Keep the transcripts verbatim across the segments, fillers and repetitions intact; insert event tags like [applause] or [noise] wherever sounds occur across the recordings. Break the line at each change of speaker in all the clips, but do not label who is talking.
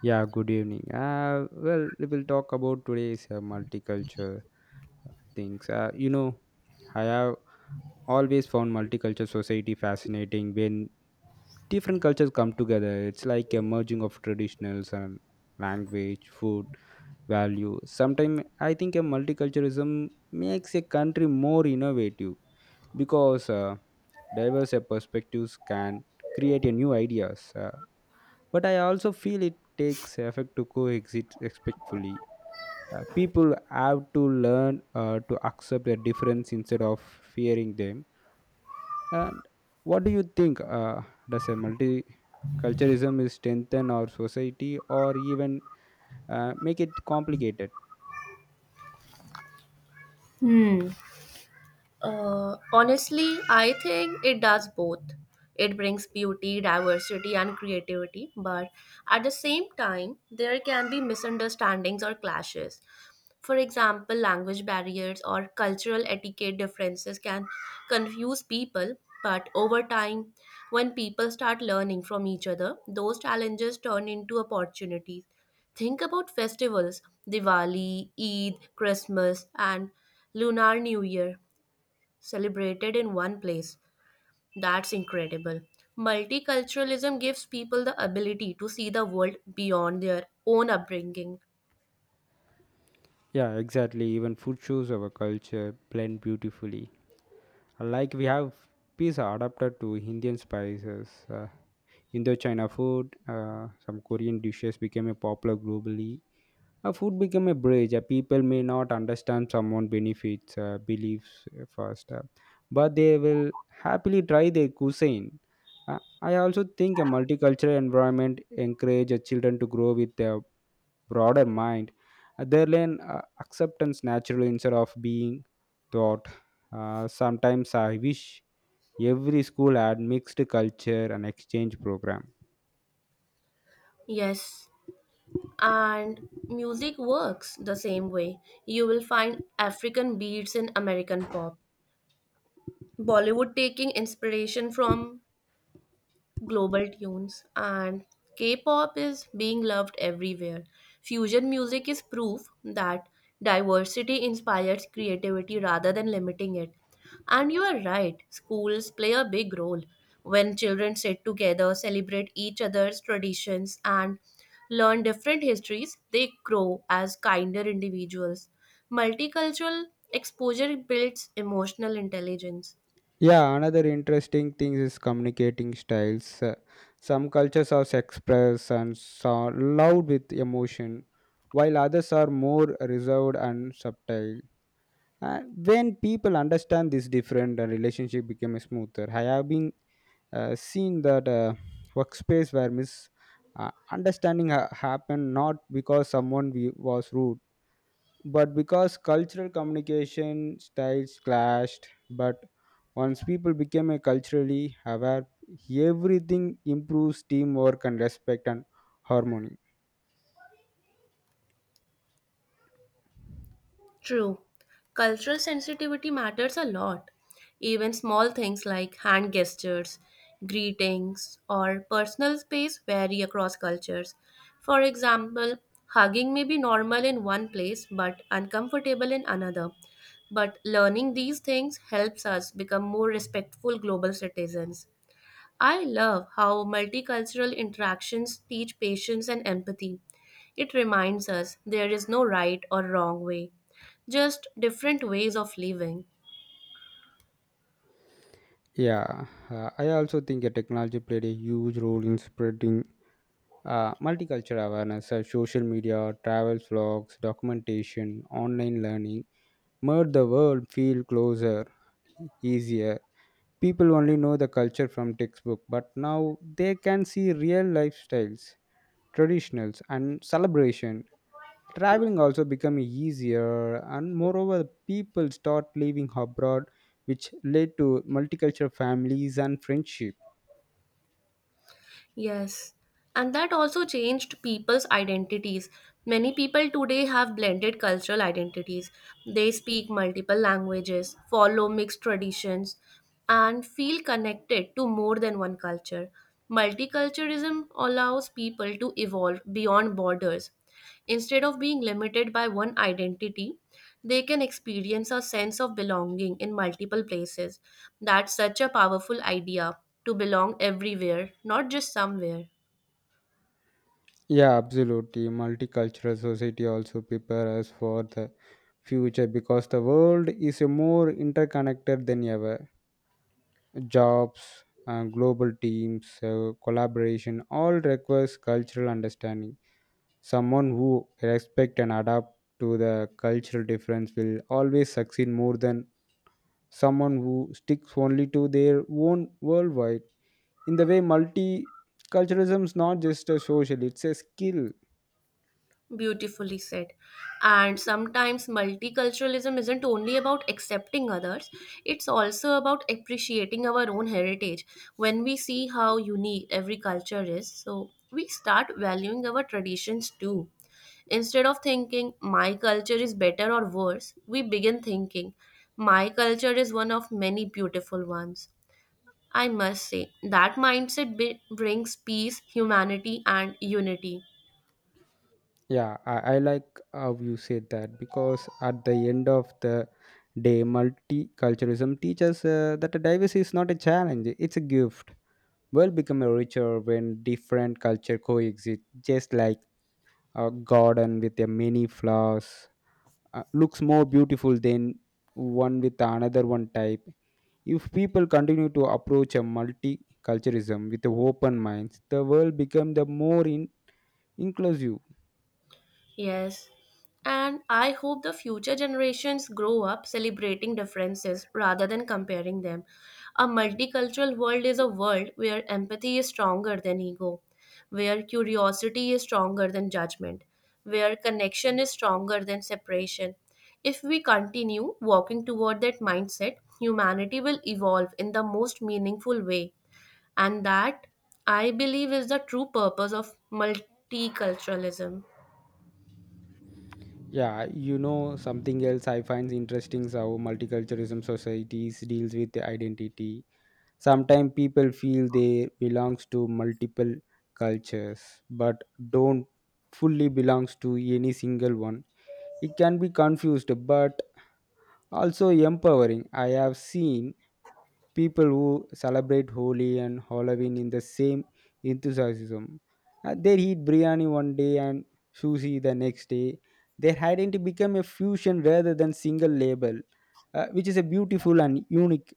Yeah, good evening. Uh, well, we will talk about today's uh, multicultural uh, things. Uh, you know, I have always found multicultural society fascinating when different cultures come together. It's like a merging of traditionals and language, food, value. Sometimes I think a multiculturalism makes a country more innovative because uh, diverse perspectives can create a new ideas. Uh, but I also feel it takes effort to coexist respectfully. Uh, people have to learn uh, to accept their difference instead of fearing them. And what do you think? Uh, does a multiculturalism is strengthen our society or even uh, make it complicated?
嗯，Uh, honestly, I think it does both. It brings beauty, diversity, and creativity, but at the same time, there can be misunderstandings or clashes. For example, language barriers or cultural etiquette differences can confuse people, but over time, when people start learning from each other, those challenges turn into opportunities. Think about festivals Diwali, Eid, Christmas, and Lunar New Year celebrated in one place. That's incredible. Multiculturalism gives people the ability to see the world beyond their own upbringing.
Yeah, exactly. Even food shows our culture blend beautifully. Like we have pizza adapted to Indian spices. Uh, Indochina food, uh, some Korean dishes became a popular globally. Uh, food became a bridge. Uh, people may not understand someone benefits, uh, beliefs uh, first, uh, but they will happily try their cuisine. Uh, I also think a multicultural environment encourages children to grow with their broader mind. Uh, they learn uh, acceptance naturally instead of being taught. Uh, sometimes I wish every school had mixed culture and exchange program.
Yes, and music works the same way. You will find African beats in American pop, Bollywood taking inspiration from global tunes and K-pop is being loved everywhere. Fusion music is proof that diversity inspires creativity rather than limiting it. And you are right, schools play a big role when children sit together, celebrate each other's traditions and learn different histories, they grow as kinder individuals. Multicultural exposure builds emotional intelligence.
Yeah, another interesting thing is communicating styles. Uh, some cultures are express and so loud with emotion, while others are more reserved and subtle. Uh, when people understand this different, uh, relationship become smoother. I have been uh, seen that uh, workspace where mis uh, understanding ha- happened not because someone we- was rude, but because cultural communication styles clashed. But once people became uh, culturally aware, everything improves teamwork and respect and harmony.
True. Cultural sensitivity matters a lot. Even small things like hand gestures, greetings, or personal space vary across cultures. For example, hugging may be normal in one place but uncomfortable in another. But learning these things helps us become more respectful global citizens. I love how multicultural interactions teach patience and empathy. It reminds us there is no right or wrong way, just different ways of living.
Yeah, uh, I also think uh, technology played a huge role in spreading uh, multicultural awareness, uh, social media, travel vlogs, documentation, online learning, made the world feel closer, e- easier. People only know the culture from textbook, but now they can see real lifestyles, traditionals, and celebration. Traveling also become easier, and moreover, people start living abroad, which led to multicultural families and friendship.
Yes, and that also changed people's identities. Many people today have blended cultural identities. They speak multiple languages, follow mixed traditions, and feel connected to more than one culture. Multiculturalism allows people to evolve beyond borders. Instead of being limited by one identity, they can experience a sense of belonging in multiple places. That's such a powerful idea to belong everywhere, not just somewhere.
Yeah, absolutely. Multicultural society also prepare us for the future because the world is a more interconnected than ever. Jobs, uh, global teams, uh, collaboration all requires cultural understanding. Someone who respect and adapt to the cultural difference will always succeed more than someone who sticks only to their own worldwide. In the way, multiculturalism is not just a social; it's a skill.
Beautifully said. And sometimes multiculturalism isn't only about accepting others, it's also about appreciating our own heritage. When we see how unique every culture is, so we start valuing our traditions too. Instead of thinking my culture is better or worse, we begin thinking my culture is one of many beautiful ones. I must say that mindset be- brings peace, humanity, and unity.
Yeah, I, I like how you said that because at the end of the day, multiculturalism teaches uh, that diversity is not a challenge, it's a gift. World become a richer when different culture coexist, just like a garden with a many flowers uh, looks more beautiful than one with another one type. If people continue to approach a multiculturalism with open minds, the world become the more in- inclusive.
Yes. And I hope the future generations grow up celebrating differences rather than comparing them. A multicultural world is a world where empathy is stronger than ego, where curiosity is stronger than judgment, where connection is stronger than separation. If we continue walking toward that mindset, humanity will evolve in the most meaningful way. And that, I believe, is the true purpose of multiculturalism.
Yeah, you know something else I find interesting is how multiculturalism societies deals with the identity. Sometimes people feel they belongs to multiple cultures, but don't fully belongs to any single one. It can be confused but also empowering. I have seen people who celebrate Holi and Halloween in the same enthusiasm. Uh, they eat biryani one day and sushi the next day. Their identity become a fusion rather than single label, uh, which is a beautiful and unique.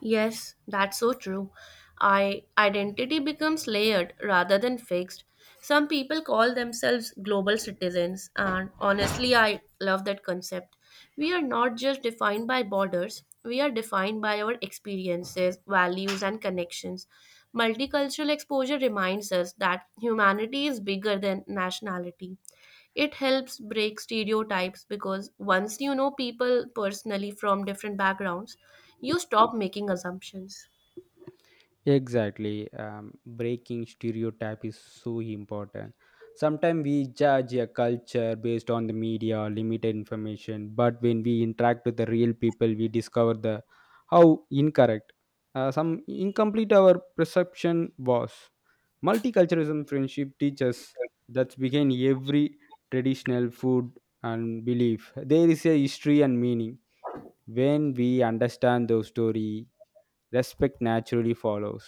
Yes, that's so true. I Identity becomes layered rather than fixed. Some people call themselves global citizens, and honestly, I love that concept. We are not just defined by borders, we are defined by our experiences, values, and connections. Multicultural exposure reminds us that humanity is bigger than nationality. It helps break stereotypes because once you know people personally from different backgrounds, you stop making assumptions.
Exactly. Um, breaking stereotype is so important. Sometimes we judge a culture based on the media or limited information, but when we interact with the real people, we discover the how incorrect, uh, some incomplete our perception was. Multiculturalism friendship teaches that's begin every traditional food and belief. There is a history and meaning. When we understand those story, respect naturally follows.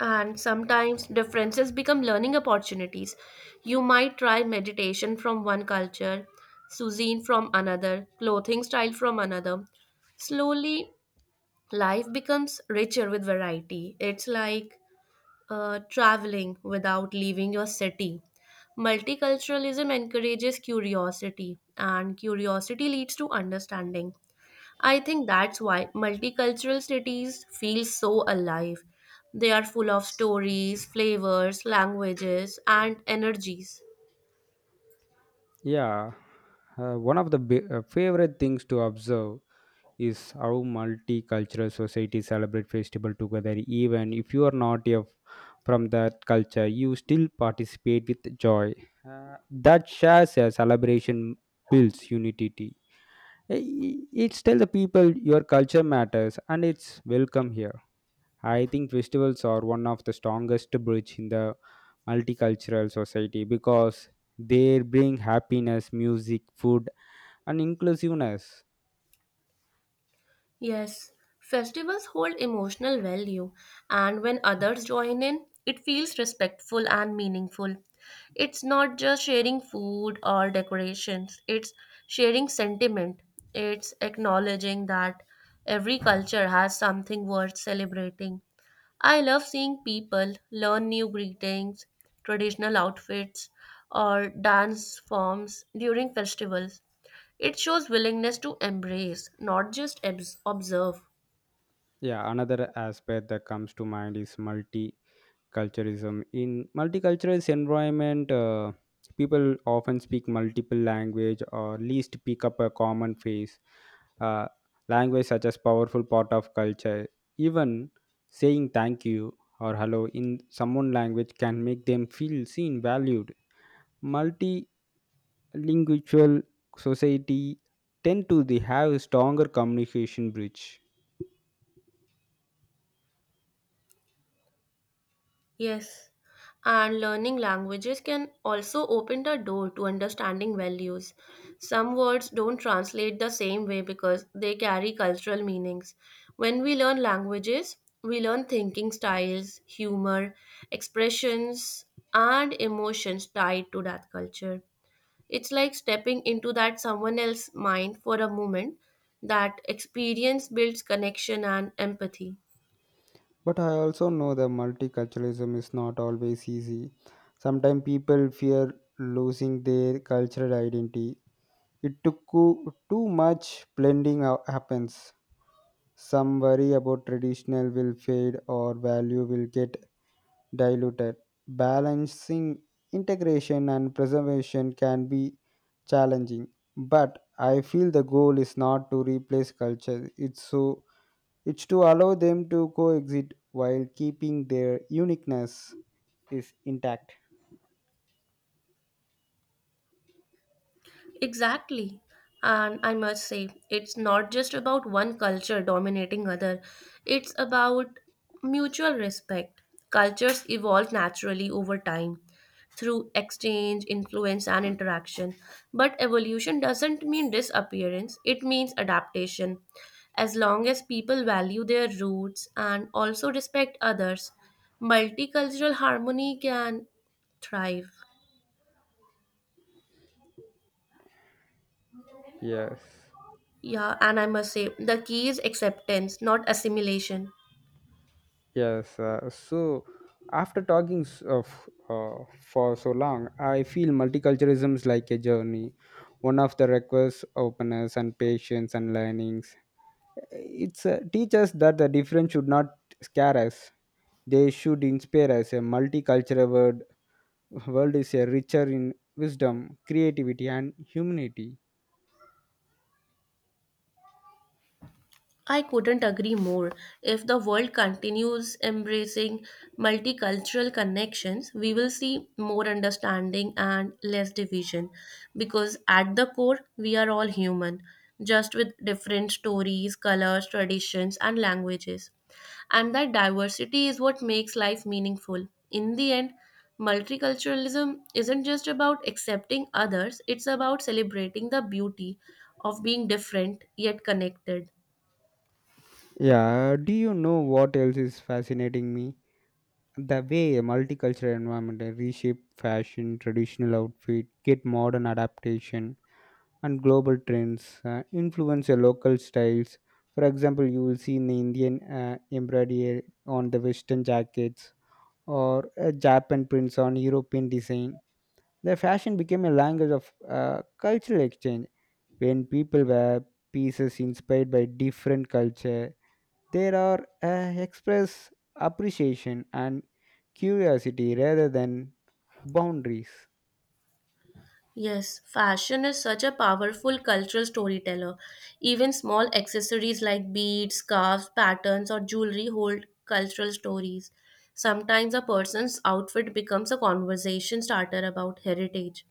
And sometimes differences become learning opportunities. You might try meditation from one culture, cuisine from another, clothing style from another. Slowly, life becomes richer with variety. It's like uh, traveling without leaving your city. Multiculturalism encourages curiosity, and curiosity leads to understanding. I think that's why multicultural cities feel so alive. They are full of stories, flavors, languages, and energies.
Yeah, uh, one of the bi- uh, favorite things to observe is how multicultural societies celebrate festival together. Even if you are not a, from that culture, you still participate with joy. Uh, that shares a celebration builds unity. I- i- It's tell the people your culture matters and it's welcome here. I think festivals are one of the strongest bridge in the multicultural society because they bring happiness, music, food, and inclusiveness.
Yes, festivals hold emotional value, and when others join in, it feels respectful and meaningful. It's not just sharing food or decorations, it's sharing sentiment. It's acknowledging that every culture has something worth celebrating. I love seeing people learn new greetings, traditional outfits, or dance forms during festivals. It shows willingness to embrace, not just abs- observe.
Yeah, another aspect that comes to mind is multi culturism in multicultural environment. Uh, people often speak multiple language or least pick up a common phrase. uh, Language such as powerful part of culture, even saying thank you or hello in someone language can make them feel seen valued. Multilingual society tend to the have stronger communication bridge.
Yes. And learning languages can also open the door to understanding values. Some words don't translate the same way because they carry cultural meanings. When we learn languages, we learn thinking styles, humor, expressions, and emotions tied to that culture. It's like stepping into that someone else's mind for a moment. That experience builds connection and empathy.
But I also know that multiculturalism is not always easy. Sometimes people fear losing their cultural identity. It took too too much blending ha- happens. Some worry about traditional will fade or value will get diluted. Balancing integration and preservation can be challenging, but I feel the goal is not to replace culture. It's so it's to allow them to coexist while keeping their uniqueness is intact.
Exactly. And I must say, it's not just about one culture dominating other. It's about mutual respect. Cultures evolve naturally over time through exchange, influence and interaction. But evolution doesn't mean disappearance, it means adaptation. As long as people value their roots and also respect others, multicultural harmony can thrive.
Yes,
Yeah, and I must say, the key is acceptance, not assimilation.
yes. Uh, so, after talking s- of uh, for so long, I feel multiculturalism is like a journey, one of the requires openness and patience and learnings. It's uh, teach us that the difference should not scare us; they should inspire us. A multicultural world, world is a richer in wisdom, creativity, and humanity.
I couldn't agree more. If the world continues embracing multicultural connections, we will see more understanding and less division because at the core, we are all human, just with different stories, colors, traditions, and languages. And that diversity is what makes life meaningful. In the end, multiculturalism isn't just about accepting others, it's about celebrating the beauty of being different yet connected.
Yeah, do you know what else is fascinating me? The way a multicultural environment reshape fashion, traditional outfit, get modern adaptation, and global trends uh, influence your local styles. For example, you will see in the Indian uh, embroidery on the Western jackets or uh, Japan prints on European design. The fashion became a language of uh, cultural exchange when people wear pieces inspired by different culture, there are uh, express appreciation and curiosity rather than boundaries.
Yes, fashion is such a powerful cultural storyteller. Even small accessories like beads, scarves, patterns, or jewelry hold cultural stories. Sometimes a person's outfit becomes a conversation starter about heritage.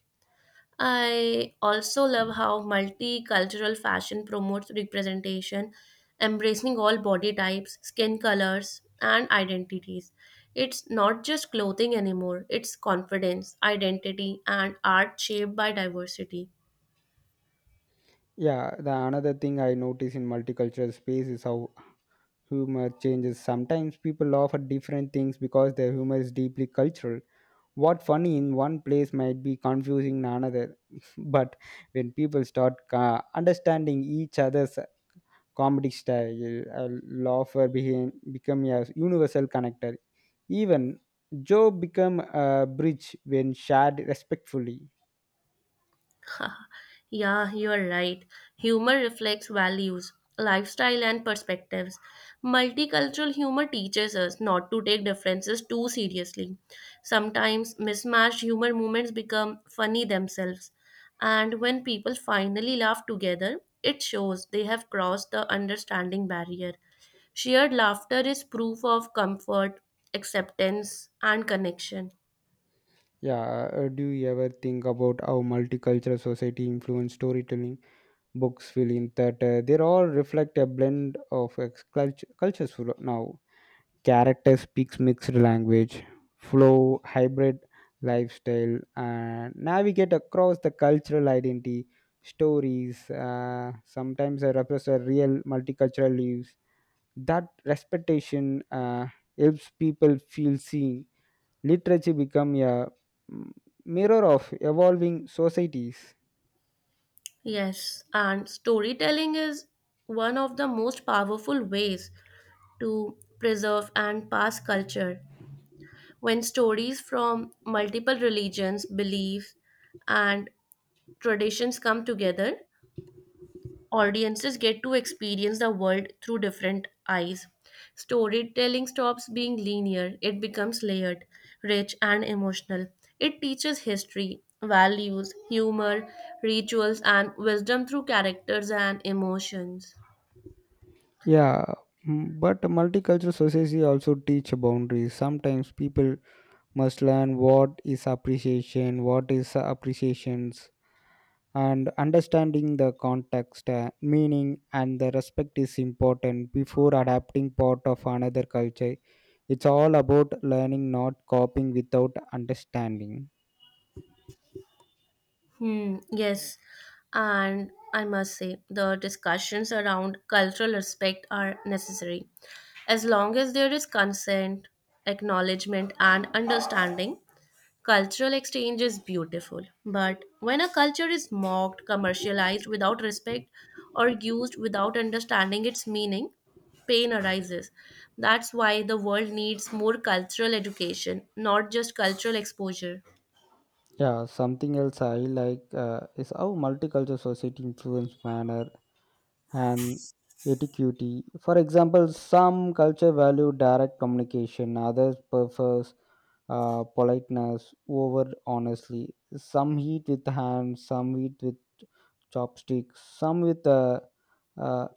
I also love how multicultural fashion promotes representation, embracing all body types, skin colors, and identities. It's not just clothing anymore, it's confidence, identity, and art shaped by diversity.
Yeah, the another thing I notice in multicultural space is how humor changes. Sometimes people laugh at different things because their humor is deeply cultural. What funny in one place might be confusing in another, [laughs] but when people start uh, understanding each other's comedy style, a laugher became become a universal connector. Even Joe become a bridge when shared respectfully.
[laughs] Yeah, you're right. Humor reflects values, lifestyle, and perspectives. Multicultural humor teaches us not to take differences too seriously. Sometimes mismatched humor moments become funny themselves. And when people finally laugh together, it shows they have crossed the understanding barrier. Shared laughter is proof of comfort, acceptance, and connection.
Yeah, uh, uh, do you ever think about how multicultural society influence storytelling? Books, film, theater, they all reflect a blend of ex- culture, cultures full- now. Character speaks mixed language, flow, hybrid lifestyle, and navigate across the cultural identity. Stories uh, sometimes they represent real multicultural lives that respectation uh, helps people feel seen. Literature become a mm, mirror of evolving societies.
Yes, and storytelling is one of the most powerful ways to preserve and pass culture. When stories from multiple religions, beliefs, and traditions come together, audiences get to experience the world through different eyes. Storytelling stops being linear, it becomes layered, rich, and emotional. It teaches history, values, humor, rituals, and wisdom through characters and emotions.
Yeah. Mm, but multicultural society also teach boundaries. Sometimes people must learn what is appreciation, what is appreciations, and understanding the context, uh, meaning and the respect is important before adapting part of another culture. It's all about learning not copying without understanding.
Hmm, yes. And I must say, the discussions around cultural respect are necessary. As long as there is consent, acknowledgement, and understanding, cultural exchange is beautiful, but when a culture is mocked, commercialized without respect, or used without understanding its meaning, pain arises. That's why the world needs more cultural education, not just cultural exposure.
Yeah, something else I like uh, is how multicultural society influence manner and etiquette. For example, some culture value direct communication, others prefers uh, politeness over honestly. Some eat with hands, some eat with chopsticks, some with a uh,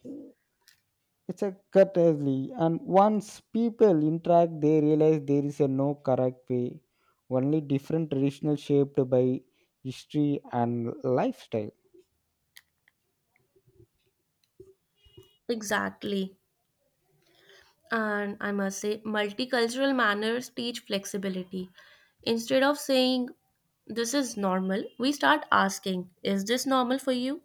it's a courtesy. And once people interact, they realize there is a no correct way, only different traditional shaped by history and lifestyle.
Exactly. And I must say, multicultural manners teach flexibility. Instead of saying, this is normal, we start asking, is this normal for you?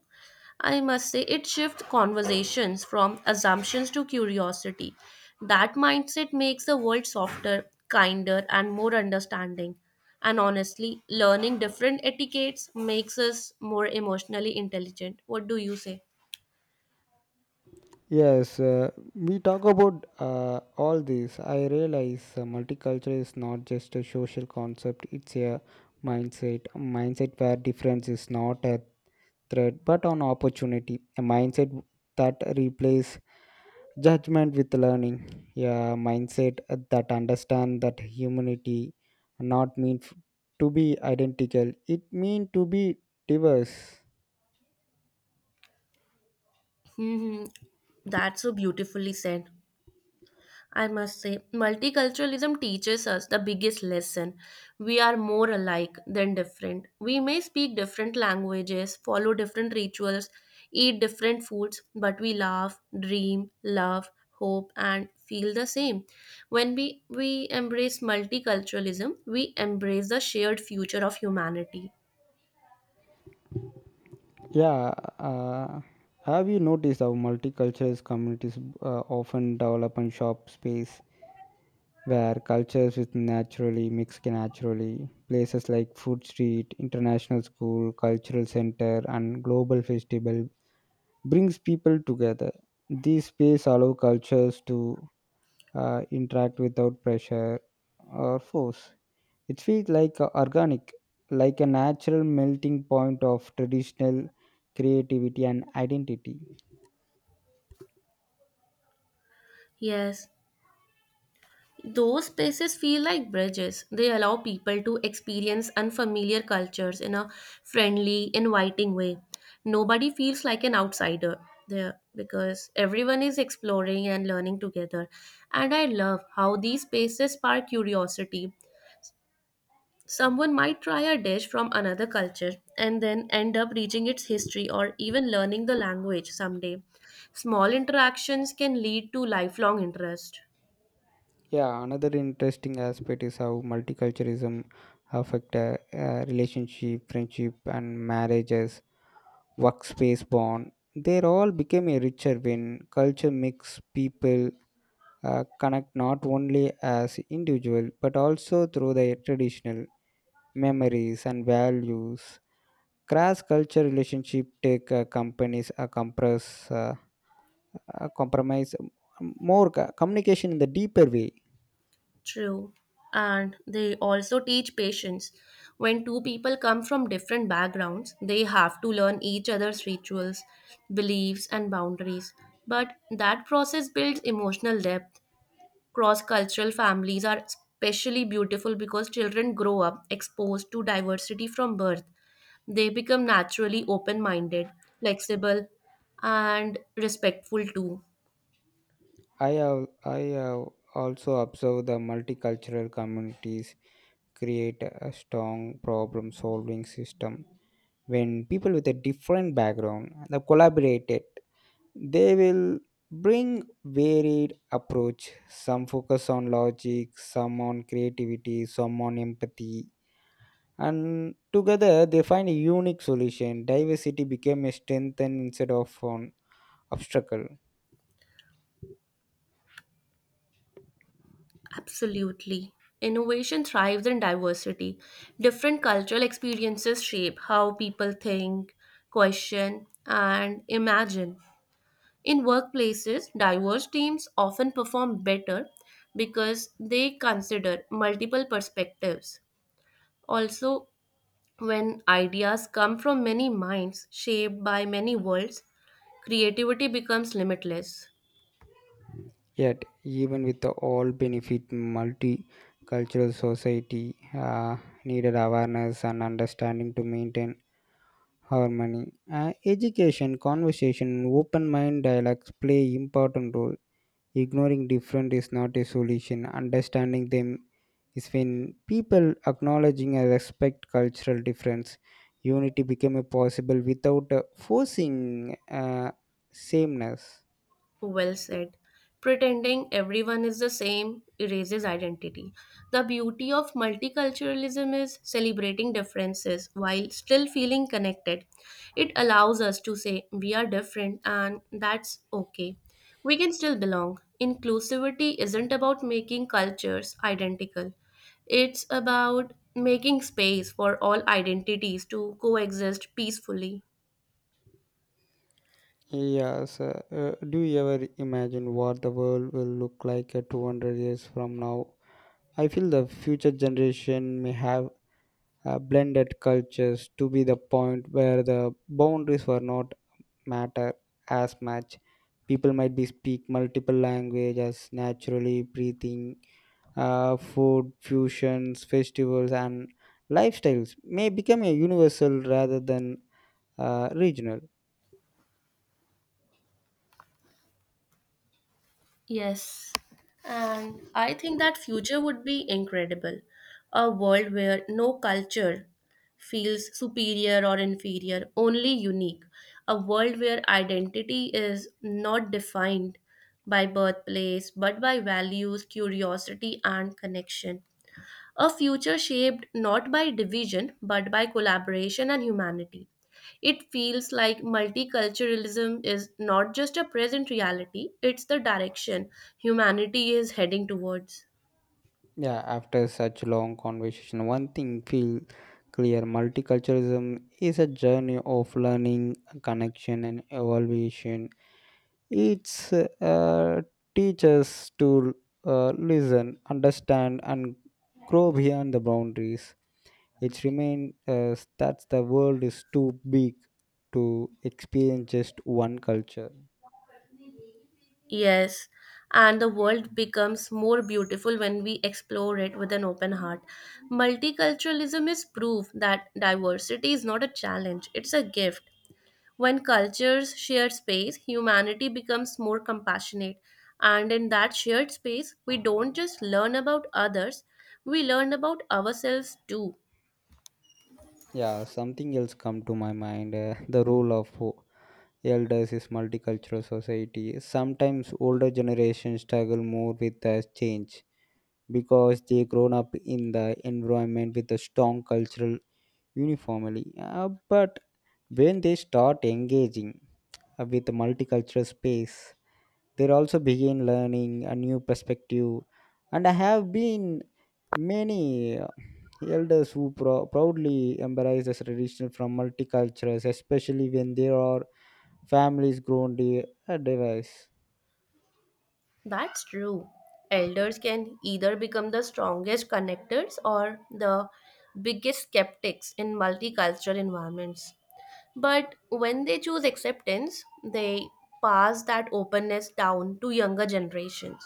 I must say, it shifts conversations from assumptions to curiosity. That mindset makes the world softer, kinder, and more understanding. And honestly, learning different etiquettes makes us more emotionally intelligent. What do you say?
Yes, uh, we talk about uh, all this. I realize uh, multicultural is not just a social concept, it's a mindset. A mindset where difference is not a threat but an opportunity. A mindset that replaces judgment with learning. A mindset that understands that humanity not mean f- to be identical, it mean to be diverse.
Hmm. That's so beautifully said. I must say, multiculturalism teaches us the biggest lesson. We are more alike than different. We may speak different languages, follow different rituals, eat different foods, but we laugh, dream, love, hope, and feel the same. When we, we embrace multiculturalism, we embrace the shared future of humanity.
Yeah, uh, have you noticed how multicultural communities uh, often develop and shop space where cultures with naturally mix can naturally places like food street, international school, cultural center, and global festival brings people together. These space allow cultures to uh, interact without pressure or force. It feels like a organic, like a natural melting point of traditional creativity and identity.
Yes, those spaces feel like bridges. They allow people to experience unfamiliar cultures in a friendly, inviting way. Nobody feels like an outsider there because everyone is exploring and learning together. And I love how these spaces spark curiosity. Someone might try a dish from another culture and then end up reaching its history or even learning the language someday. Small interactions can lead to lifelong interest.
Yeah, another interesting aspect is how multiculturalism affect uh, uh, relationship, friendship, and marriages, workspace bond. They all became a richer when culture makes people uh, connect not only as individual but also through their traditional memories and values. Cross culture relationship take uh, companies uh, compress uh, uh, compromise more co- communication in the deeper way.
True. And they also teach patience. When two people come from different backgrounds, they have to learn each other's rituals, beliefs, and boundaries. But that process builds emotional depth. Cross cultural families are especially beautiful because children grow up exposed to diversity from birth. They become naturally open minded, flexible, and respectful too.
I have I have also observed the multicultural communities create a strong problem solving system. When people with a different background they collaborated, they will bring varied approach, some focus on logic, some on creativity, some on empathy, and together they find a unique solution. Diversity became a strength and instead of an obstacle.
Absolutely. Innovation thrives in diversity. Different cultural experiences shape how people think, question, and imagine. In workplaces, diverse teams often perform better because they consider multiple perspectives. Also, when ideas come from many minds shaped by many worlds, creativity becomes limitless.
Yet, even with the all benefit multicultural society uh, needed awareness and understanding to maintain harmony. Uh, education conversation open mind dialogues play important role. Ignoring different is not a solution. Understanding them is when people acknowledging and respect cultural difference. Unity become a possible without uh, forcing uh, sameness.
Well said. Pretending everyone is the same erases identity. The beauty of multiculturalism is celebrating differences while still feeling connected. It allows us to say we are different and that's okay. We can still belong. Inclusivity isn't about making cultures identical, it's about making space for all identities to coexist peacefully.
Yes. Uh, uh, do you ever imagine what the world will look like uh, two hundred years from now? I feel the future generation may have uh, blended cultures to be the point where the boundaries were not matter as much. People might be speak multiple languages naturally breathing. Uh, food fusions festivals and lifestyles may become a universal rather than uh, regional.
Yes. And I think that future would be incredible. A world where no culture feels superior or inferior, only unique. A world where identity is not defined by birthplace, but by values, curiosity, and connection. A future shaped not by division but by collaboration and humanity. It feels like multiculturalism is not just a present reality, it's the direction humanity is heading towards.
Yeah, after such long conversation one thing feel clear, multiculturalism is a journey of learning, connection, and evolution. It's uh, teaches to uh, listen, understand, and grow beyond the boundaries. It remains uh, that the world is too big to experience just one culture.
Yes, and the world becomes more beautiful when we explore it with an open heart. Multiculturalism is proof that diversity is not a challenge, it's a gift. When cultures share space, humanity becomes more compassionate. And in that shared space, we don't just learn about others, we learn about ourselves too.
Yeah, something else come to my mind. Uh, the role of o- elders is multicultural society. Sometimes older generations struggle more with the change because they grown up in the environment with a strong cultural uniformly. Uh, but when they start engaging uh, with multicultural space, they also begin learning a new perspective. And I have been many uh, elders who pro- proudly embrace the tradition from multicultures, especially when there are families grown di- uh, diverse.
That's true. Elders can either become the strongest connectors or the biggest skeptics in multicultural environments. But when they choose acceptance, they pass that openness down to younger generations.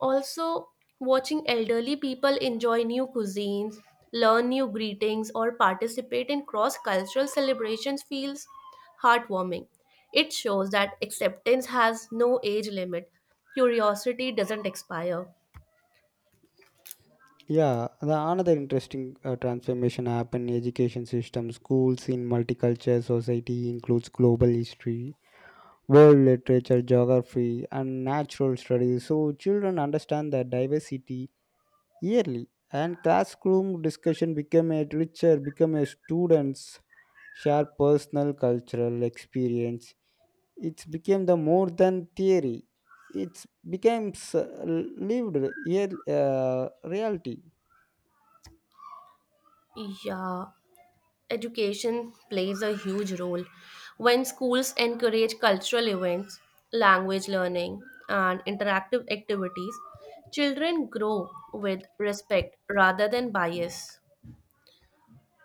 Also, watching elderly people enjoy new cuisines, learn new greetings, or participate in cross cultural celebrations feels heartwarming. It shows that acceptance has no age limit, curiosity doesn't expire.
Yeah, the another interesting uh, transformation happened in education system. Schools in multicultural society includes global history, world literature, geography, and natural studies. So children understand the diversity yearly, and classroom discussion become a richer, become a students share personal cultural experience. It's became the more than theory. It's becomes uh, lived real uh, reality.
Yeah, education plays a huge role. When schools encourage cultural events, language learning, and interactive activities, children grow with respect rather than bias.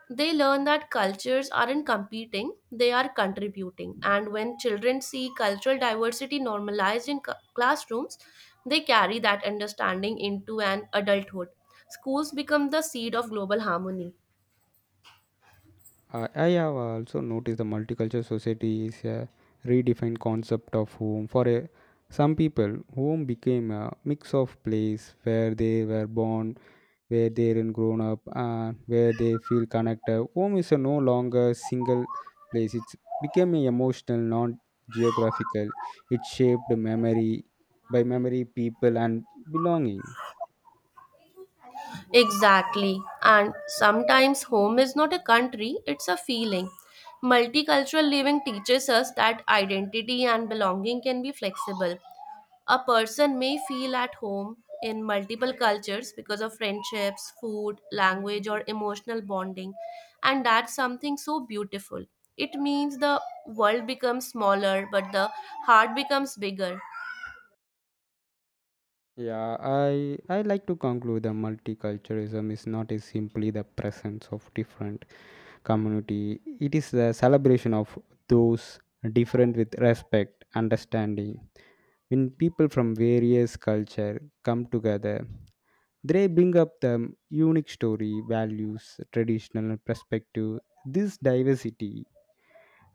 They learn that cultures aren't competing, they are contributing. And when children see cultural diversity normalized in cu- classrooms, they carry that understanding into an adulthood. Schools become the seed of global harmony.
Uh, yeah, yeah, I have also noticed the multicultural society is a redefined concept of home. For a, some people, home became a mix of place where they were born, where they were grown up, and where they feel connected. Home is a no longer single place. It's became a emotional, not geographical. It shaped memory by memory, people, and belonging.
Exactly. And sometimes home is not a country, it's a feeling. Multicultural living teaches us that identity and belonging can be flexible. A person may feel at home in multiple cultures because of friendships, food, language, or emotional bonding, and that's something so beautiful. It means the world becomes smaller, but the heart becomes bigger.
Yeah, I I like to conclude that multiculturalism is not is simply the presence of different community. It is the celebration of those different with respect, understanding. When people from various culture come together, they bring up the unique story, values, traditional perspective. This diversity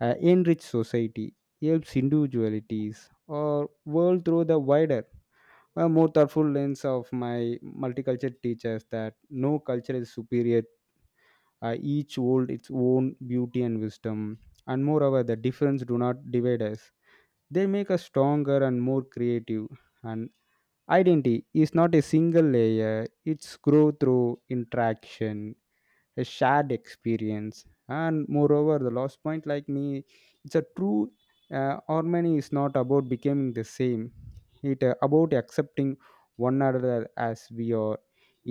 uh, enrich society, helps individualities or world through the wider a more thoughtful lens of my multicultural teachers that no culture is superior. Uh, each hold its own beauty and wisdom. And moreover, the difference do not divide us, they make us stronger and more creative. And identity is not a single layer, it's grow through interaction, a shared experience. And moreover, the last point like me, it's a true uh, harmony is not about becoming the same. It uh, about accepting one another as we are.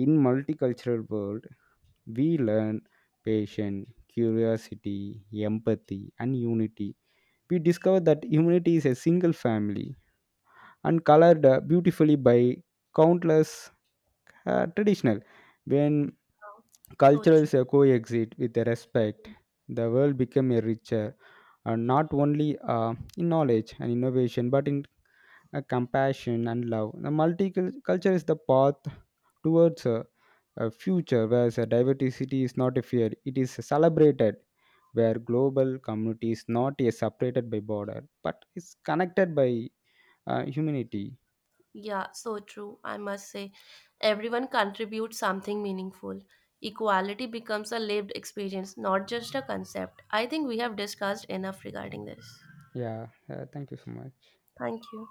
In multicultural world we learn patience, curiosity, empathy, and unity. We discover that humanity is a single family, and colored uh, beautifully by countless uh, traditional when
So true.
cultures coexist with respect. The world became a richer, uh, not only uh, in knowledge and innovation, but in uh, compassion and love. The multiculture is the path towards a, a future where the diversity is not a fear; it is celebrated. Where global community is not a separated by border, but is connected by uh, humanity.
Yeah, so true. I must say, everyone contributes something meaningful. Equality becomes a lived experience, not just a concept. I think we have discussed enough regarding this.
Yeah, uh, thank you so much.
Thank you.